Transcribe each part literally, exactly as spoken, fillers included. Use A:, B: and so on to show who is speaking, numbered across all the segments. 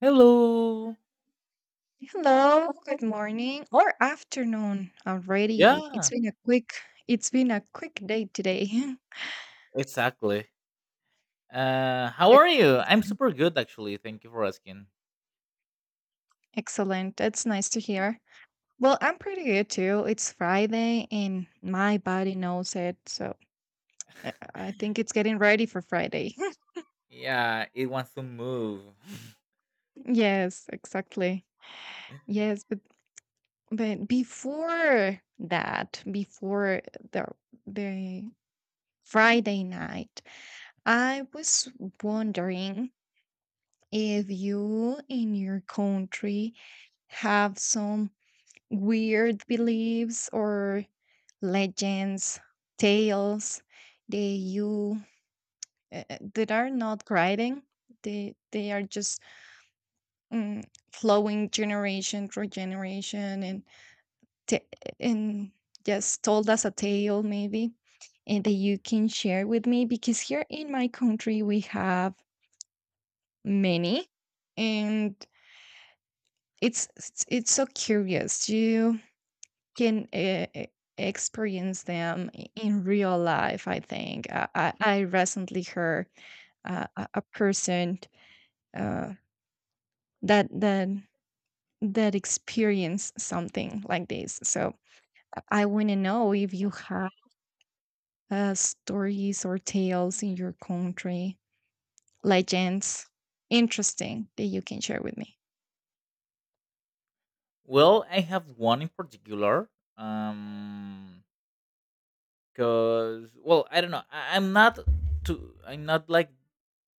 A: Hello.
B: Hello, good morning or afternoon already. It's
A: Yeah,
B: been a quick it's been a quick day today.
A: exactly. Uh, how
B: Good.
A: are you? I'm super good, actually. Thank you for asking.
B: Excellent. That's nice to hear. Well, I'm pretty good too. It's Friday and my body knows it, so I I think it's getting ready for Friday.
A: Yeah, it wants to move.
B: Yes, exactly. Yes, but but before that, before the the Friday night, I was wondering if you in your country have some weird beliefs or legends, tales that you uh, uh, that are not writing, they they are just mm, flowing generation through generation and t- and just told as a tale maybe, and that you can share with me because here in my country we have many. And it's it's it's so curious you can uh, e- experience them i- in real life I think i, I, I recently heard uh, a a person uh, that that that experience something like this. So I want to know if you have uh, stories or tales in your country, legends, interesting, that you can share with me.
A: Well, I have one in particular. Um, Cause well, I don't know. I- I'm not too. I'm not like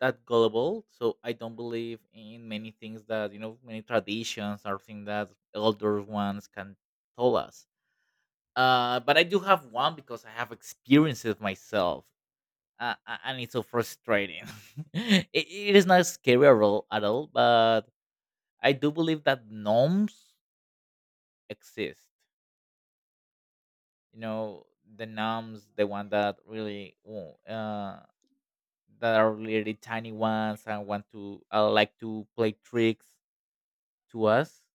A: that gullible, so I don't believe in many things that, you know, many traditions or things that older ones can tell us. Uh, but I do have one because I have experienced it myself. Uh, uh, and it's so frustrating. it, it is not scary at all, at all, but I do believe that gnomes exist. You know, the gnomes, the one that really wo- uh, that are really tiny ones and want to uh, like to play tricks to us.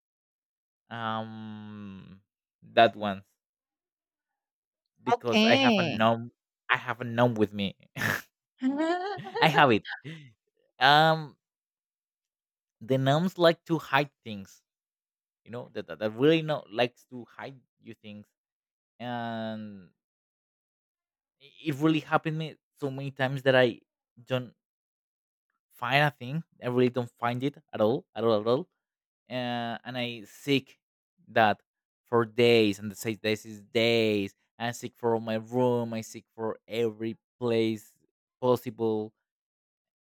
A: Um, that one, because I have a
B: Okay.
A: gnome. I have a gnome with me. I have it. Um, the gnomes like to hide things, you know that, that, that really know likes to hide you things. And i- it really happened me so many times that I don't find a thing. I really don't find it at all, at all, at all. Uh, and I seek that for days and the six days is days. I seek for my room, I seek for every place possible.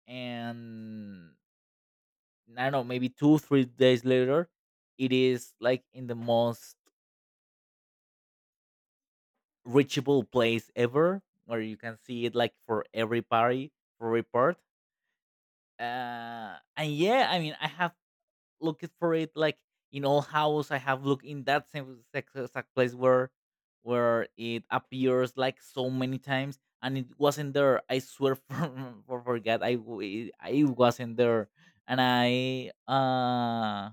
A: And I don't know, maybe two three days later, it is like in the most reachable place ever, where you can see it like for every party, for report. Uh and yeah, I mean, I have looked for it like in all house. I have looked in that same exact exact place where where it appears like so many times, and it wasn't there, I swear. for, for forget I w- It wasn't there. And I uh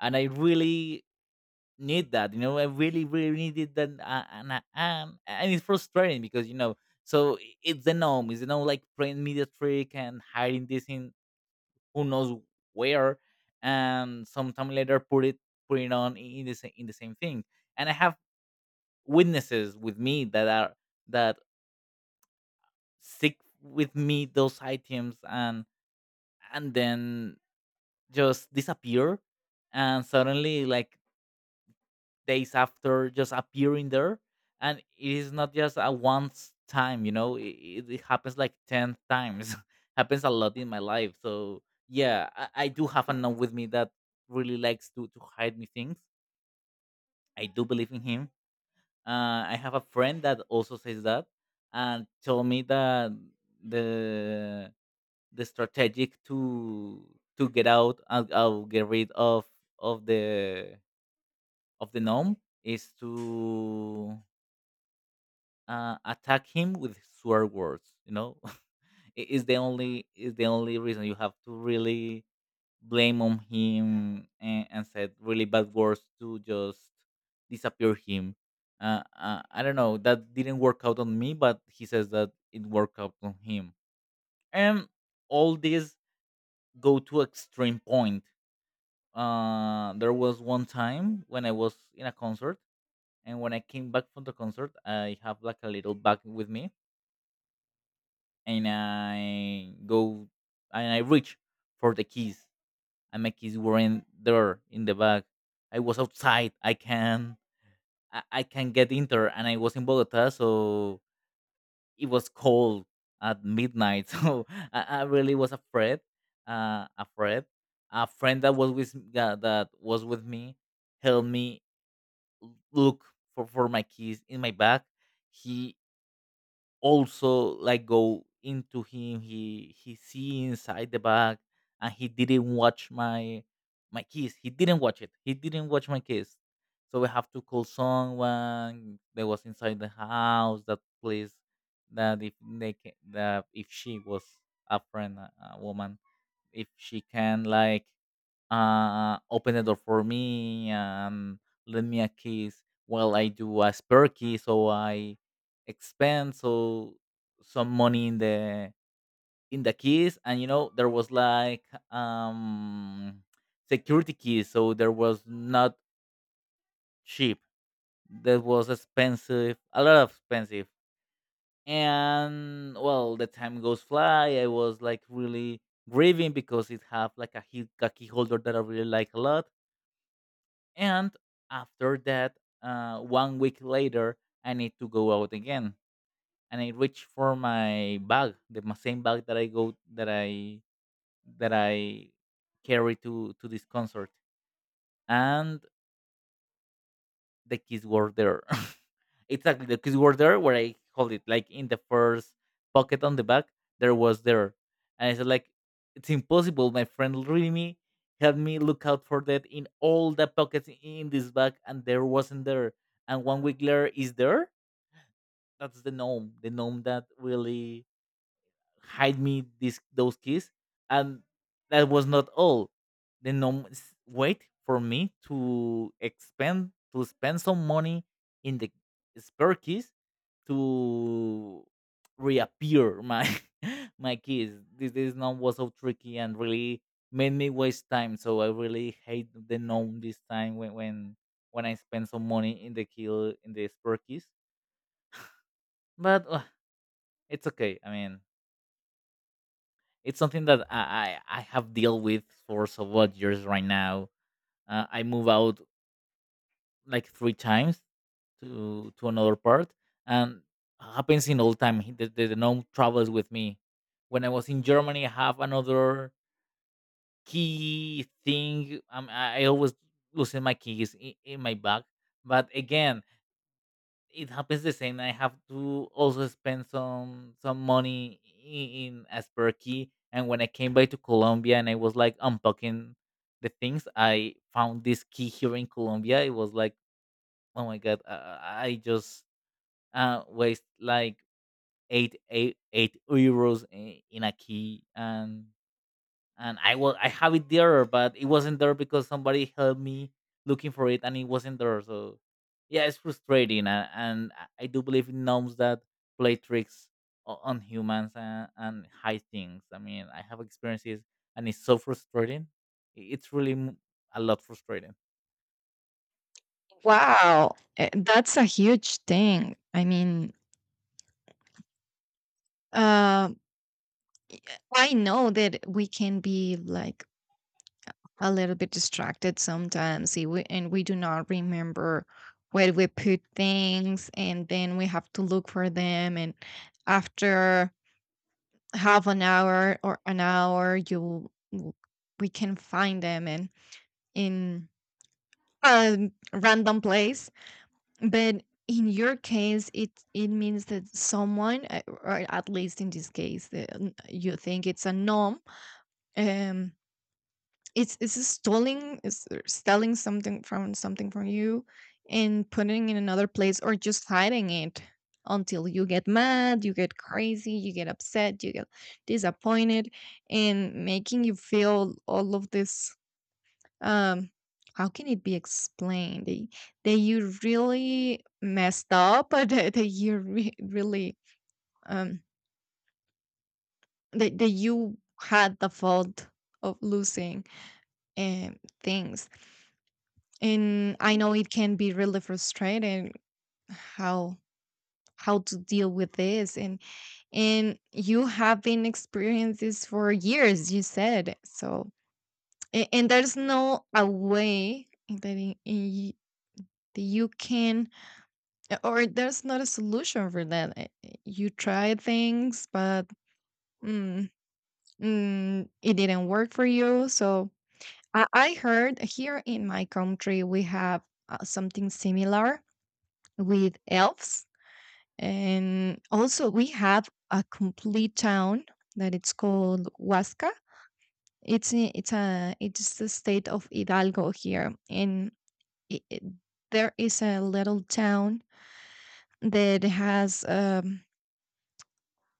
A: and I really need that, you know, I really really needed that. Uh, and I am, and it's frustrating because, you know, so i- it's the norm. It's, you know, like playing media trick and hiding this in who knows where, and sometime later put it, put it on in the same, in the same thing. And I have witnesses with me that are that stick with me those items. and and then just disappear, and suddenly like days after just appearing there. And it is not just a once time, you know, it, it happens like ten times. Happens a lot in my life. So yeah, I, I do have a nun with me that really likes to to hide me things. I do believe in him. uh, I have a friend that also says that, and told me that the the strategic to to get out and uh, get rid of of the of the gnome is to uh, attack him with swear words. You know, I- is the only, is the only reason. You have to really blame on him and, and said really bad words to just disappear him. Uh, uh, I don't know. That didn't work out on me, but he says that it worked out on him. And all this go to extreme point. Uh, there was one time when I was in a concert, and when I came back from the concert, I have like a little bag with me, and I go and I reach for the keys, and my keys were in there in the bag. I was outside. I can I, I can get in there, and I was in Bogota, so it was cold at midnight. So I, I really was afraid. Uh, afraid. A friend that was with that, that was with me helped me l- look for, for my keys in my bag. He also like go into him. he he see inside the bag, and he didn't watch my my keys. He didn't watch it. He didn't watch my keys. So we have to call someone that was inside the house, that place, that if they can, that if she was a friend, a a woman, if she can like uh, open the door for me and lend me a kiss while I do a spare key. So I expend so some money in the in the keys. And you know there was like um security keys, so there was not cheap. That was expensive, a lot of expensive. And well, the time goes fly. I was like really grieving because it have like a, key- a key holder that I really like a lot. And after that, uh, one week later I need to go out again. And I reach for my bag, the ma- same bag that I go, that i that I carry to to this concert. And the keys were there. Exactly, the keys were there where I hold it, like in the first pocket on the back. There was there, and I said like, it's impossible. My friend really me helped me look out for that in all the pockets in this bag, and there wasn't there. And one week later is there. That's the gnome, the gnome that really hide me these those keys. And that was not all. The no s- wait for me to expend to spend some money in the spare keys to reappear my my keys. This this known was so tricky and really made me waste time. So I really hate the gnome this time, when when when I spend some money in the kill, in the spare keys. But uh, it's okay. I mean, it's something that I I, I have dealt with for several years right now. Uh, I move out like three times to to another part, and happens in all time. He- The, the, the gnome travels with me. When I was in Germany, I have another key thing. Um, I I always losing my keys in, in my bag. But again, it happens the same. I have to also spend some some money in Asperky. And when I came back to Colombia and I was like unpacking the things, I found this key here in Colombia. It was like, oh my god, uh, I just uh, waste like eight eight eight euros i- in a key. and and I was, I have it there, but it wasn't there because somebody helped me looking for it, and it wasn't there. So yeah, it's frustrating. and, and I I do believe in gnomes that play tricks o- on humans and, and hide things. I mean, I have experiences, and it's so frustrating. I- It's really m- a lot frustrating.
B: Wow, eh, that's a huge thing. I mean, uh, I know that we can be like a little bit distracted sometimes, eh, we- and we do not remember where we put things, and then we have to look for them. And after half an hour or an hour, you w- we can find them and in a random place. But in your case, it it means that someone, uh, or at least in this case, the, n- you think it's a norm. Um, it's it's stealing, is stealing something from something from you, and putting in another place, or just hiding it until you get mad, you get crazy, you get upset, you get disappointed, and making you feel all of this. um, how can it be explained? They, they you really messed up, or that, that you re- really um that, that you had the fault of losing um things. And I know it can be really frustrating how how to deal with this. and and you have been experiencing this for years, you said, so a- and, there's no a way that in, in, y- that you can. Yeah, or there's not a solution for that. I- I- You try things, but mm, mm, it didn't work for you. So I, I heard here in my country we have uh, something similar with elves, and also we have a complete town that it's called Huasca. It's I- it's a it's the state of Hidalgo here, and i i- there is a little town that has. Um,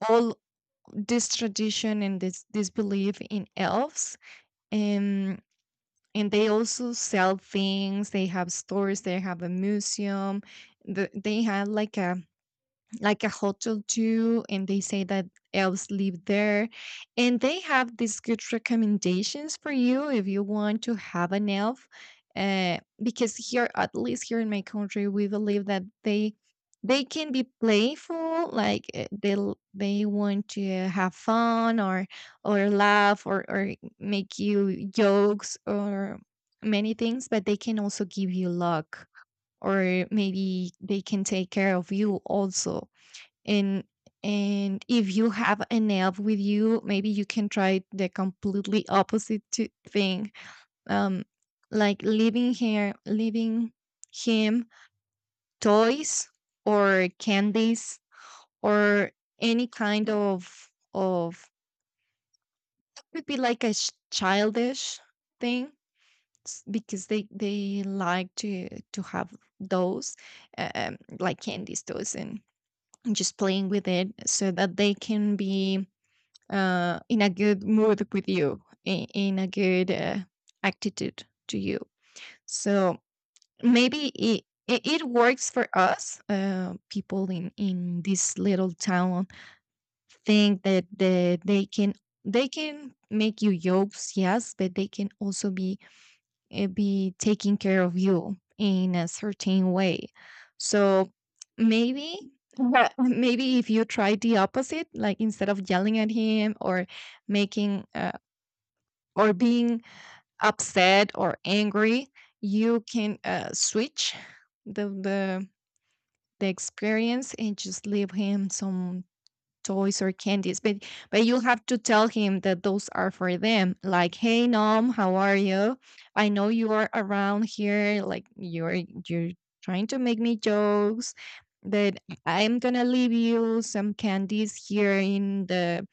B: all this tradition and this this belief in elves. and and they also sell things, they have stores, they have a museum. The, they had like a like a hotel too, and they say that elves live there, and they have these good recommendations for you if you want to have an elf, uh, because here, at least here in my country, we believe that they they can be playful, like, uh, they l- they want to have fun or or laugh or or make you jokes or many things, but they can also give you luck or maybe they can take care of you also. and and if you have an elf with you, maybe you can try the completely opposite to thing. um like leaving her, leaving him toys or candies or any kind of of could be like a sh- childish thing, s- because they they like to to have those, um, like candies, toys, and and just playing with it, so that they can be, uh, in a good mood with you, in, in a good uh, attitude to you. So maybe it, it, it works for us. Uh, people in, in this little town think that they, they can they can make you jokes, yes, but they can also be, eh, be taking care of you in a certain way. So maybe, but maybe if you try the opposite, like instead of yelling at him or making, uh, or being upset or angry, you can, uh, switch the the the experience and just leave him some toys or candies. but but you have to tell him that those are for them, like, hey Nom, how are you, I know you are around here, like you're you're trying to make me jokes, but I'm gonna leave you some candies here in the,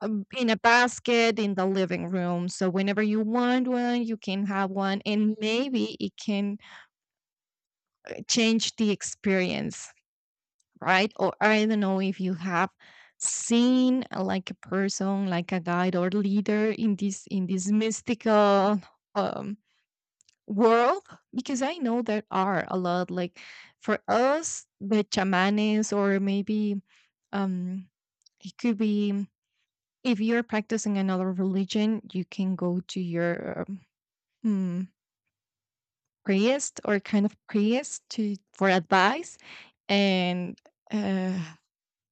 B: um, in a basket in the living room, so whenever you want one you can have one, and maybe it can change the experience, right? Or I don't know if you have seen, uh, like a person, like a guide or leader in this in this mystical, um, world, because I know there are a lot. Like for us, the chamanes, or maybe, um, it could be, mm, if you're practicing another religion, you can go to your, um, mm, priest or kind of priest to for advice and. Uh,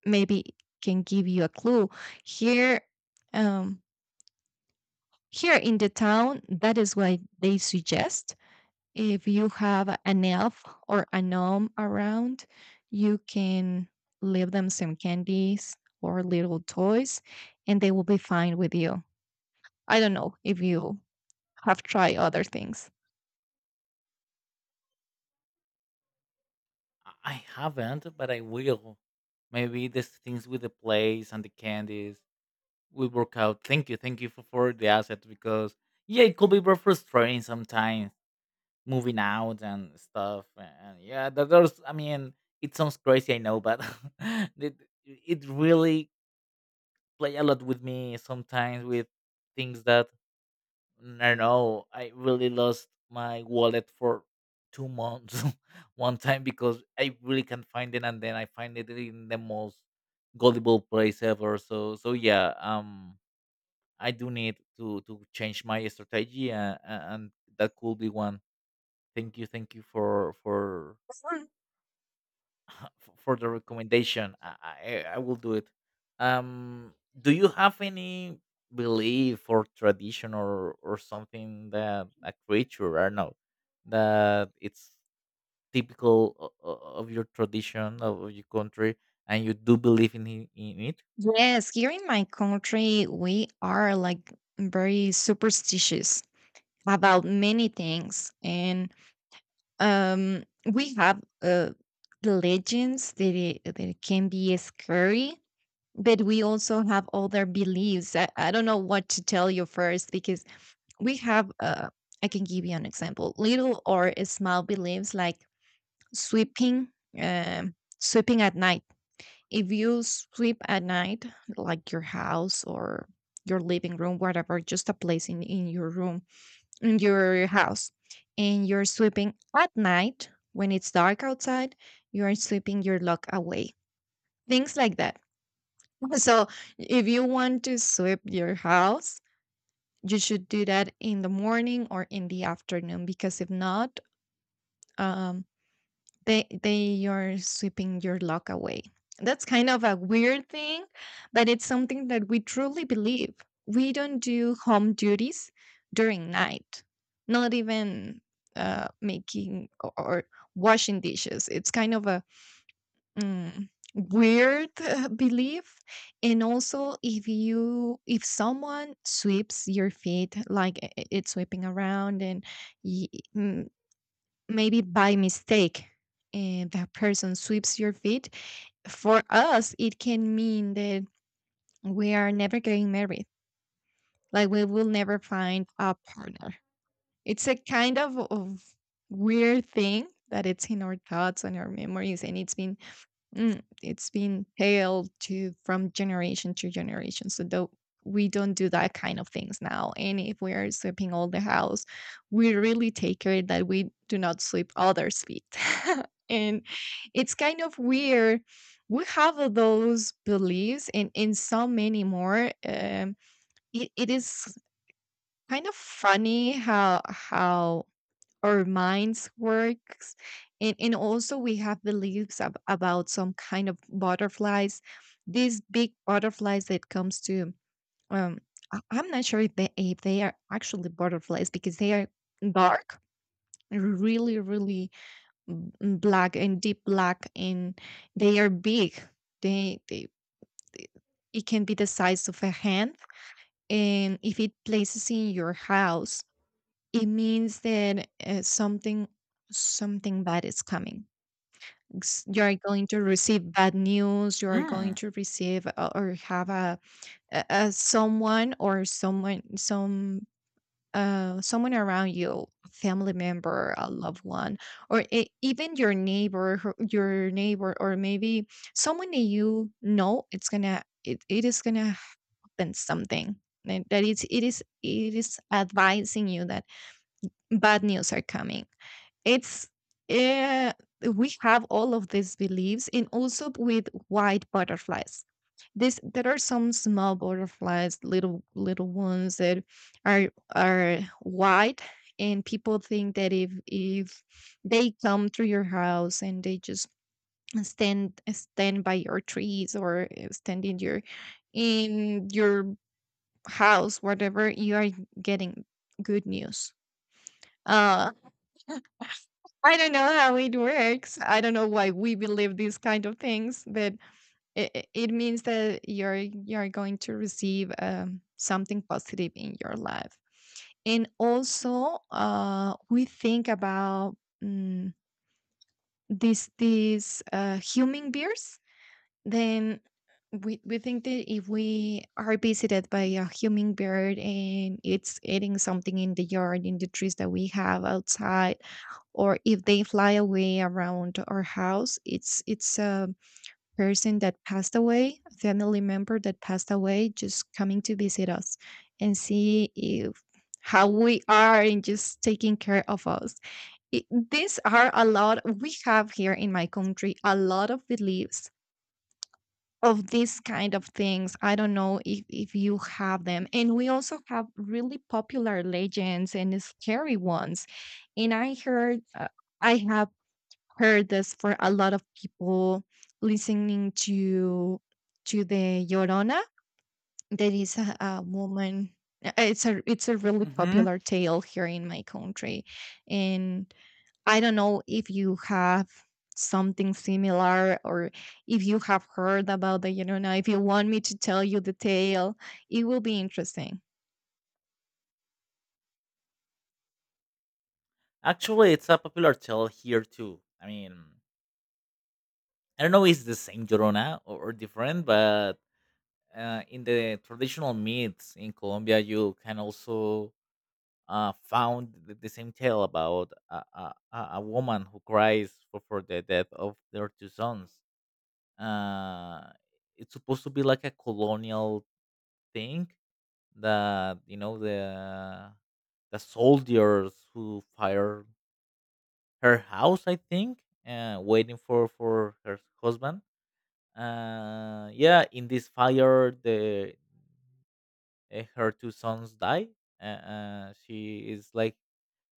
B: maybe can give you a clue here, um, here in the town that is why they suggest, if you have an elf or a gnome around, you can leave them some candies or little toys and they will be fine with you. I don't know if you have tried other things.
A: I I haven't, but I will. Maybe these things with the plays and the candies will work out. Thank you, thank you for, for the asset, because yeah, it could be very frustrating sometimes. Moving out and stuff, and yeah, there- there's. I mean, it sounds crazy, I know, but it it really play a lot with me sometimes with things that I don't know. I really lost my wallet for two months one time because I really can't find it, and then I find it in the most gullible place ever. So so yeah, um, I do need to to change my strategy. Uh, a- and that could be one. Thank you, thank you for for
B: Mhm.
A: f- for the recommendation. I, I I will do it. Um, do you have any belief or tradition or or something, that a creature, I don't know, that it's typical o- o- of your tradition, of your country, and you do believe in it- in it?
B: Yes, here in my country we are like very superstitious about many things, and um we have uh the legends that it, that it can be scary, but we also have other beliefs. I, I don't know what to tell you first because we have uh I can give you an example, little or small beliefs, like sweeping, um sweeping at night. If you sweep at night, like your house or your living room, whatever, just a place in, in your room in your house, and you're sweeping at night when it's dark outside, you are sweeping your lock away. Things like that. So if you want to sweep your house, you should do that in the morning or in the afternoon, because if not, um, they they are sweeping your luck away. That's kind of a weird thing, but it's something that we truly believe. We don't do home duties during night, not even, uh, making or, or washing dishes. It's kind of a, mm, weird, uh, belief. And also, if you, if someone sweeps your feet, like i- i- it's sweeping around and y- mm, maybe by mistake, and that person sweeps your feet, for us it can mean that we are never getting married, like we will never find a partner. It's a kind of, of weird thing that it's in our thoughts and our memories, and it's been, mm, it's been hailed to from generation to generation. So though we don't do that kind of things now. And if we are sweeping all the house, we really take care that we do not sweep others' feet. And it's kind of weird. We have all those beliefs and in so many more. Um, it, it is kind of funny how how our minds works. and, and also we have beliefs ab- about some kind of butterflies, these big butterflies that comes to, um, I- I'm not sure if they, if they are actually butterflies, because they are dark, really really b- mm, black and deep black, and they are big. they, they they- it can be the size of a hand, and if it places in your house, it means that, uh, something, something bad is coming. It's, you are going to receive bad news. You are
A: Mm.
B: going to receive, uh, or have a, a, a someone or someone, some, uh, someone around you, a family member, a loved one, or e- even your neighbor, who- your neighbor, or maybe someone that you know. It's gonna it, it is gonna happen something. And that it's it is it is advising you that bad news are coming. It's, uh, we have all of these beliefs, and also with white butterflies. This there are some small butterflies, little little ones that are are white, and people think that if if they come to your house, and they just stand stand by your trees, or uh, stand in your in your house, whatever, you are getting good news. Uh, I don't know how it works. I don't know why we believe these kind of things, but it, it means that you're you're going to receive, um, something positive in your life. And also, uh, we think about, um, these these uh, human bears. Then we we think that if we are visited by a human bird and it's eating something in the yard, in the trees that we have outside, or if they fly away around our house, it's it's a person that passed away, a family member that passed away, just coming to visit us and see if how we are and just taking care of us. It, these are a lot. We have here in my country a lot of beliefs of these kind of things. I don't know if, if you have them. And we also have really popular legends and scary ones. And i heard uh, I have heard this for a lot of people listening to to the Llorona. There is a, a woman. uh, It's a it's a really
A: Hmm.
B: popular tale here in my country. And I don't know if you have something similar, or if you have heard about the Llorona. If you want me to tell you the tale, it will be interesting.
A: Actually, it's a popular tale here too. I mean, I don't know if it's the same Llorona, or, or different, but uh, in the traditional myths in Colombia, you can also uh, found the, the same tale about a, a, a a woman who cries for, for the death of their two sons. Uh, it's supposed to be like a colonial thing, that you know the the soldiers who fire her house, I think, uh, waiting for for her husband. Uh, yeah, in this fire, the uh, her two sons die. Uh, uh, she is like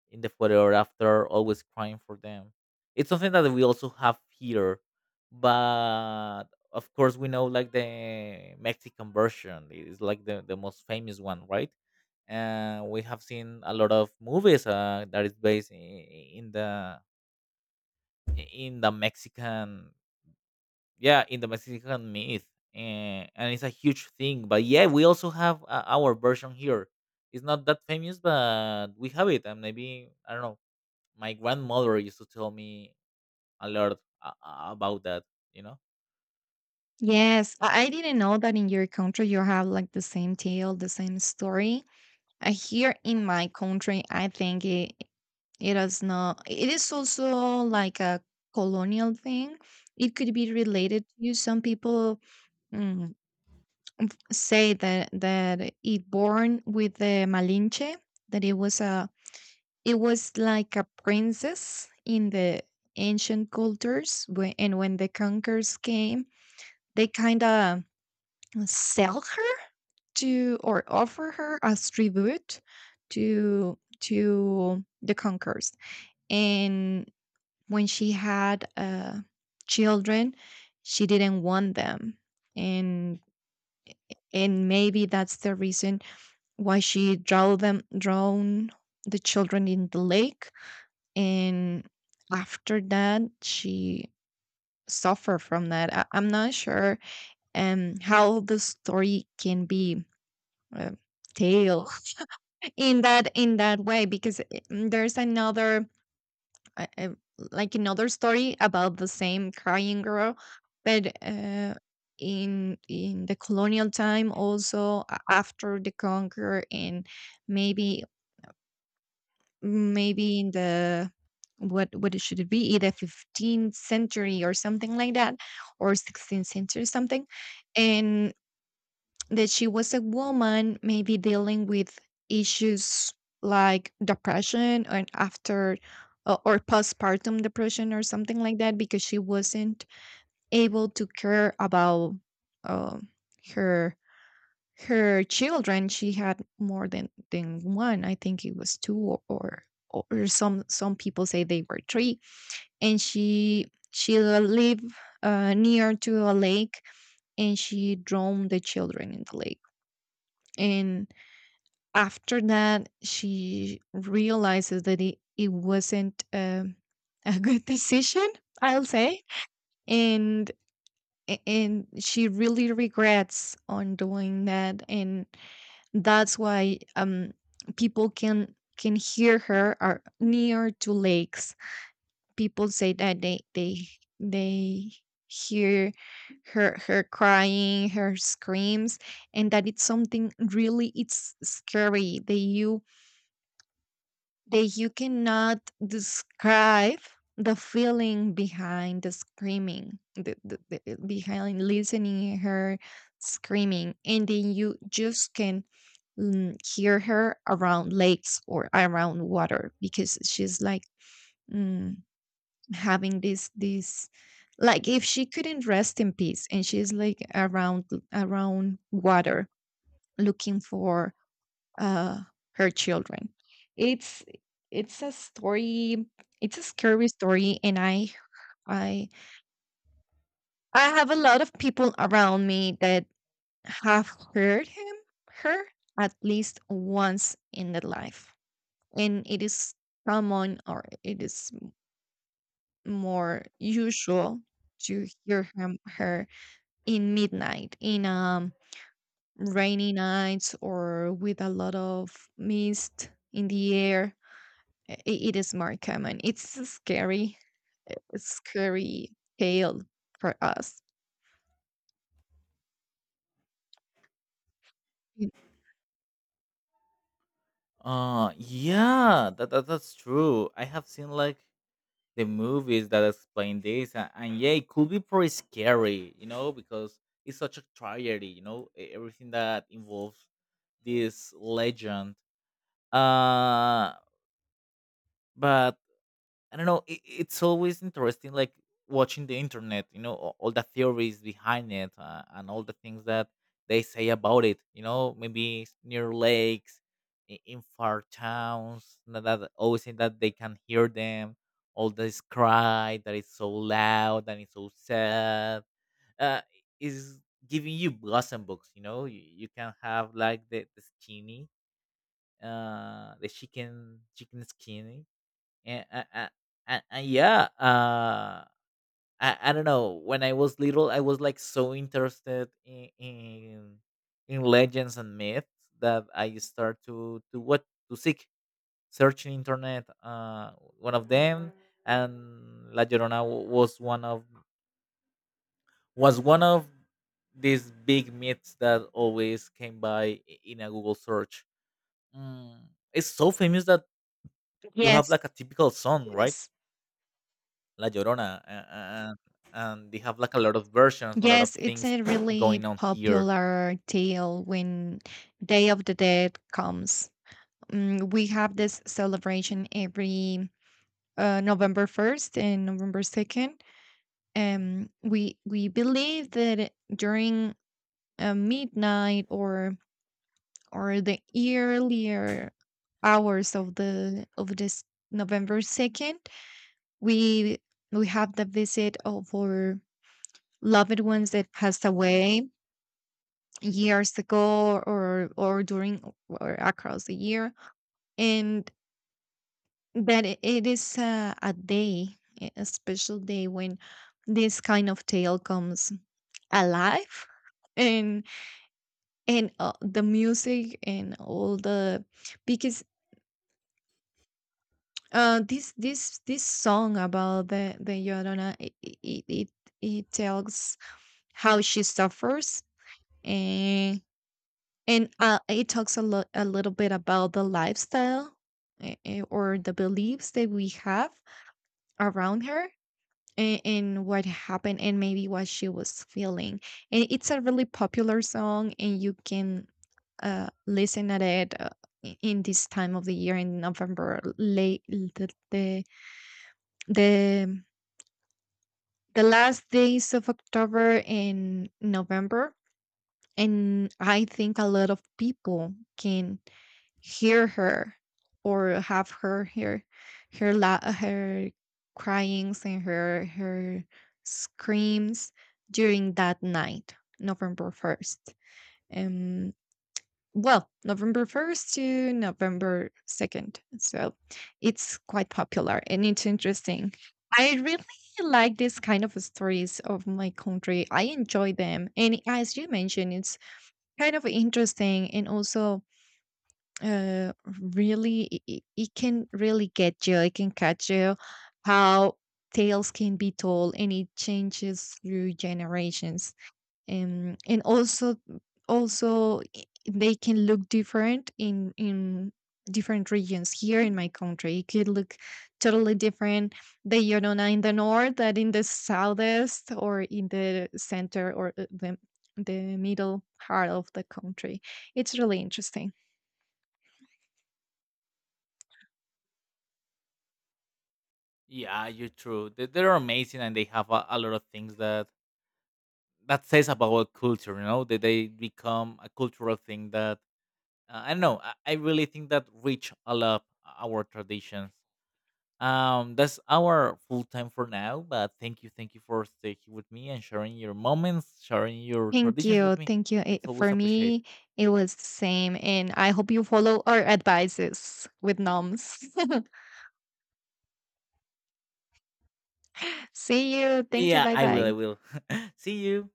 A: in the photo or after, always crying for them. It's something that we also have here, but of course we know like the Mexican version is like the, the most famous one, right? And we have seen a lot of movies uh, that is based in, in the in the Mexican yeah in the Mexican myth, and, and it's a huge thing. But yeah, we also have uh, our version here. It's not that famous, but we have it, and maybe, I don't know, my grandmother used to tell me a lot a- a- about that, you know.
B: Yes, I I didn't know that in your country you have like the same tale, the same story. Uh, here in my country, I think, it, it is not, it is also like a colonial thing. It could be related to some people. Mm, f- say that that it born with the Malinche. That it was a it was like a princess in the ancient cultures, when, and when the conquerors came, they kind of sell her to or offer her as tribute to to the conquerors. And when she had uh, children, she didn't want them. And and maybe that's the reason why she drowned them, drowned the children in the lake. And after that, she suffered from that. I, I'm not sure um how the story can be, uh, in that in that way, because it- mm, there's another, uh, uh, like another story about the same crying girl. But uh, in in the colonial time, also a- after the conquer. And maybe, maybe in the, what what it should it be, either fifteenth century or something like that, or sixteenth century something. That she was a woman maybe dealing with issues like depression, and after uh, or postpartum depression, or something like that, because she wasn't able to care about uh, her her children. She had more than than one. I think it was two, or, or or some some people say they were three. And she she lived, uh, near to a lake, and she drowned the children in the lake. And after that, she realizes that it, it wasn't, um, a good decision, I'll say. And a- and she really regrets on doing that. And that's why um people can can hear her, are near to lakes. People say that they they they hear her her crying, her screams. And that it's something really, it's scary, that you that you cannot describe the feeling behind the screaming, the, the, the- eh, behind listening her screaming. And then you just can mm, hear her around lakes or around water, because she's like mm, having this this, like, if she couldn't rest in peace. And she's like around, around water, looking for, uh, her children. It's it's a story. It's a scary story, and I I I have a lot of people around me that have heard him her at least once in their life. And it is common, or it is more usual to hear him her in midnight, in um rainy nights, or with a lot of mist in the air. I it is more common. It's a scary, a scary tale for us. Mm,
A: Uh yeah, that, that that's true. I have seen like the movies that explain this, and, and yeah, it could be pretty scary, you know, because it's such a tragedy, you know, e- everything that involves this legend. uh but I don't know. It, it's always interesting, like watching the internet. You know, all, all the theories behind it, uh, and all the things that they say about it. You know, maybe it's near lakes, i- in far towns, na- that always say that they can hear them. All this cry that is so loud and it's so sad, uh, is giving you blossom books. You know, you, you can have like the, the skinny, uh, the chicken chicken skinny. And uh, uh, uh, uh, yeah uh I, I don't know, when I was little I was like so interested in in, in legends and myths, that I start to to what to seek, search in internet. Uh one of them, and la llorona wa- was one of, was one of these big myths that always came by i- in a google search. mm, it's so famous that you have
B: yes,
A: like a typical song, right?
B: yes.
A: La Llorona, a- a- and and they have like a lot of versions, a lot of
B: Yes, it's
A: things
B: a really
A: going on here.
B: popular tale when Day of the Dead comes. Mm, we have this celebration every, uh, November first and November second. And we we believe that during, uh, midnight, or or the earlier hours of the of this November second, we we have the visit of our loved ones that passed away years ago, or or during, or across the year. And that, i- it is a, a day a a special day when this kind of tale comes alive. And and uh, the music and all the, because. Uh, this this this song about the the Llorona, it it it, it tells how she suffers. And and uh, it talks a lot a little bit about the lifestyle, eh, eh, or the beliefs that we have around her, and, and what happened, and maybe what she was feeling. And it's a really popular song, and you can uh listen at it. Uh, i- in this time of the year, in November, late, the, the the the last days of October and November. And I think a lot of people can hear her, or have her, her her la- her cryings, and her her screams during that night, November first. Um, well, November first to November second. So it's quite popular and it's interesting. I really like this kind of stories of my country. I enjoy them. And as you mentioned, it's kind of interesting. And also uh really, i- i- it, can really get you it can catch you how tales can be told, and it changes through generations. Um, and also also i- they can look different in in different regions. Here in my country, it could look totally different, the Yorona in the north than in the southeast, or in the center, or uh, the the middle part of the country. It's really interesting.
A: Yeah, you're true. They, they're amazing, and they have a, a lot of things that that says about our culture. You know, that they become a cultural thing, that uh, I don't know. I, I really think that rich a lot our traditions. Um, that's our full time for now. But thank you, thank you for staying here with me and sharing your moments, sharing your
B: Thank
A: traditions with
B: you.
A: me.
B: Thank you.
A: It's
B: It,
A: always
B: for
A: appreciated.
B: me, it was the same. And I hope you follow our advices with noms. See you. Thank you.
A: Yeah,
B: Bye
A: I will. I
B: bye.
A: will. See you.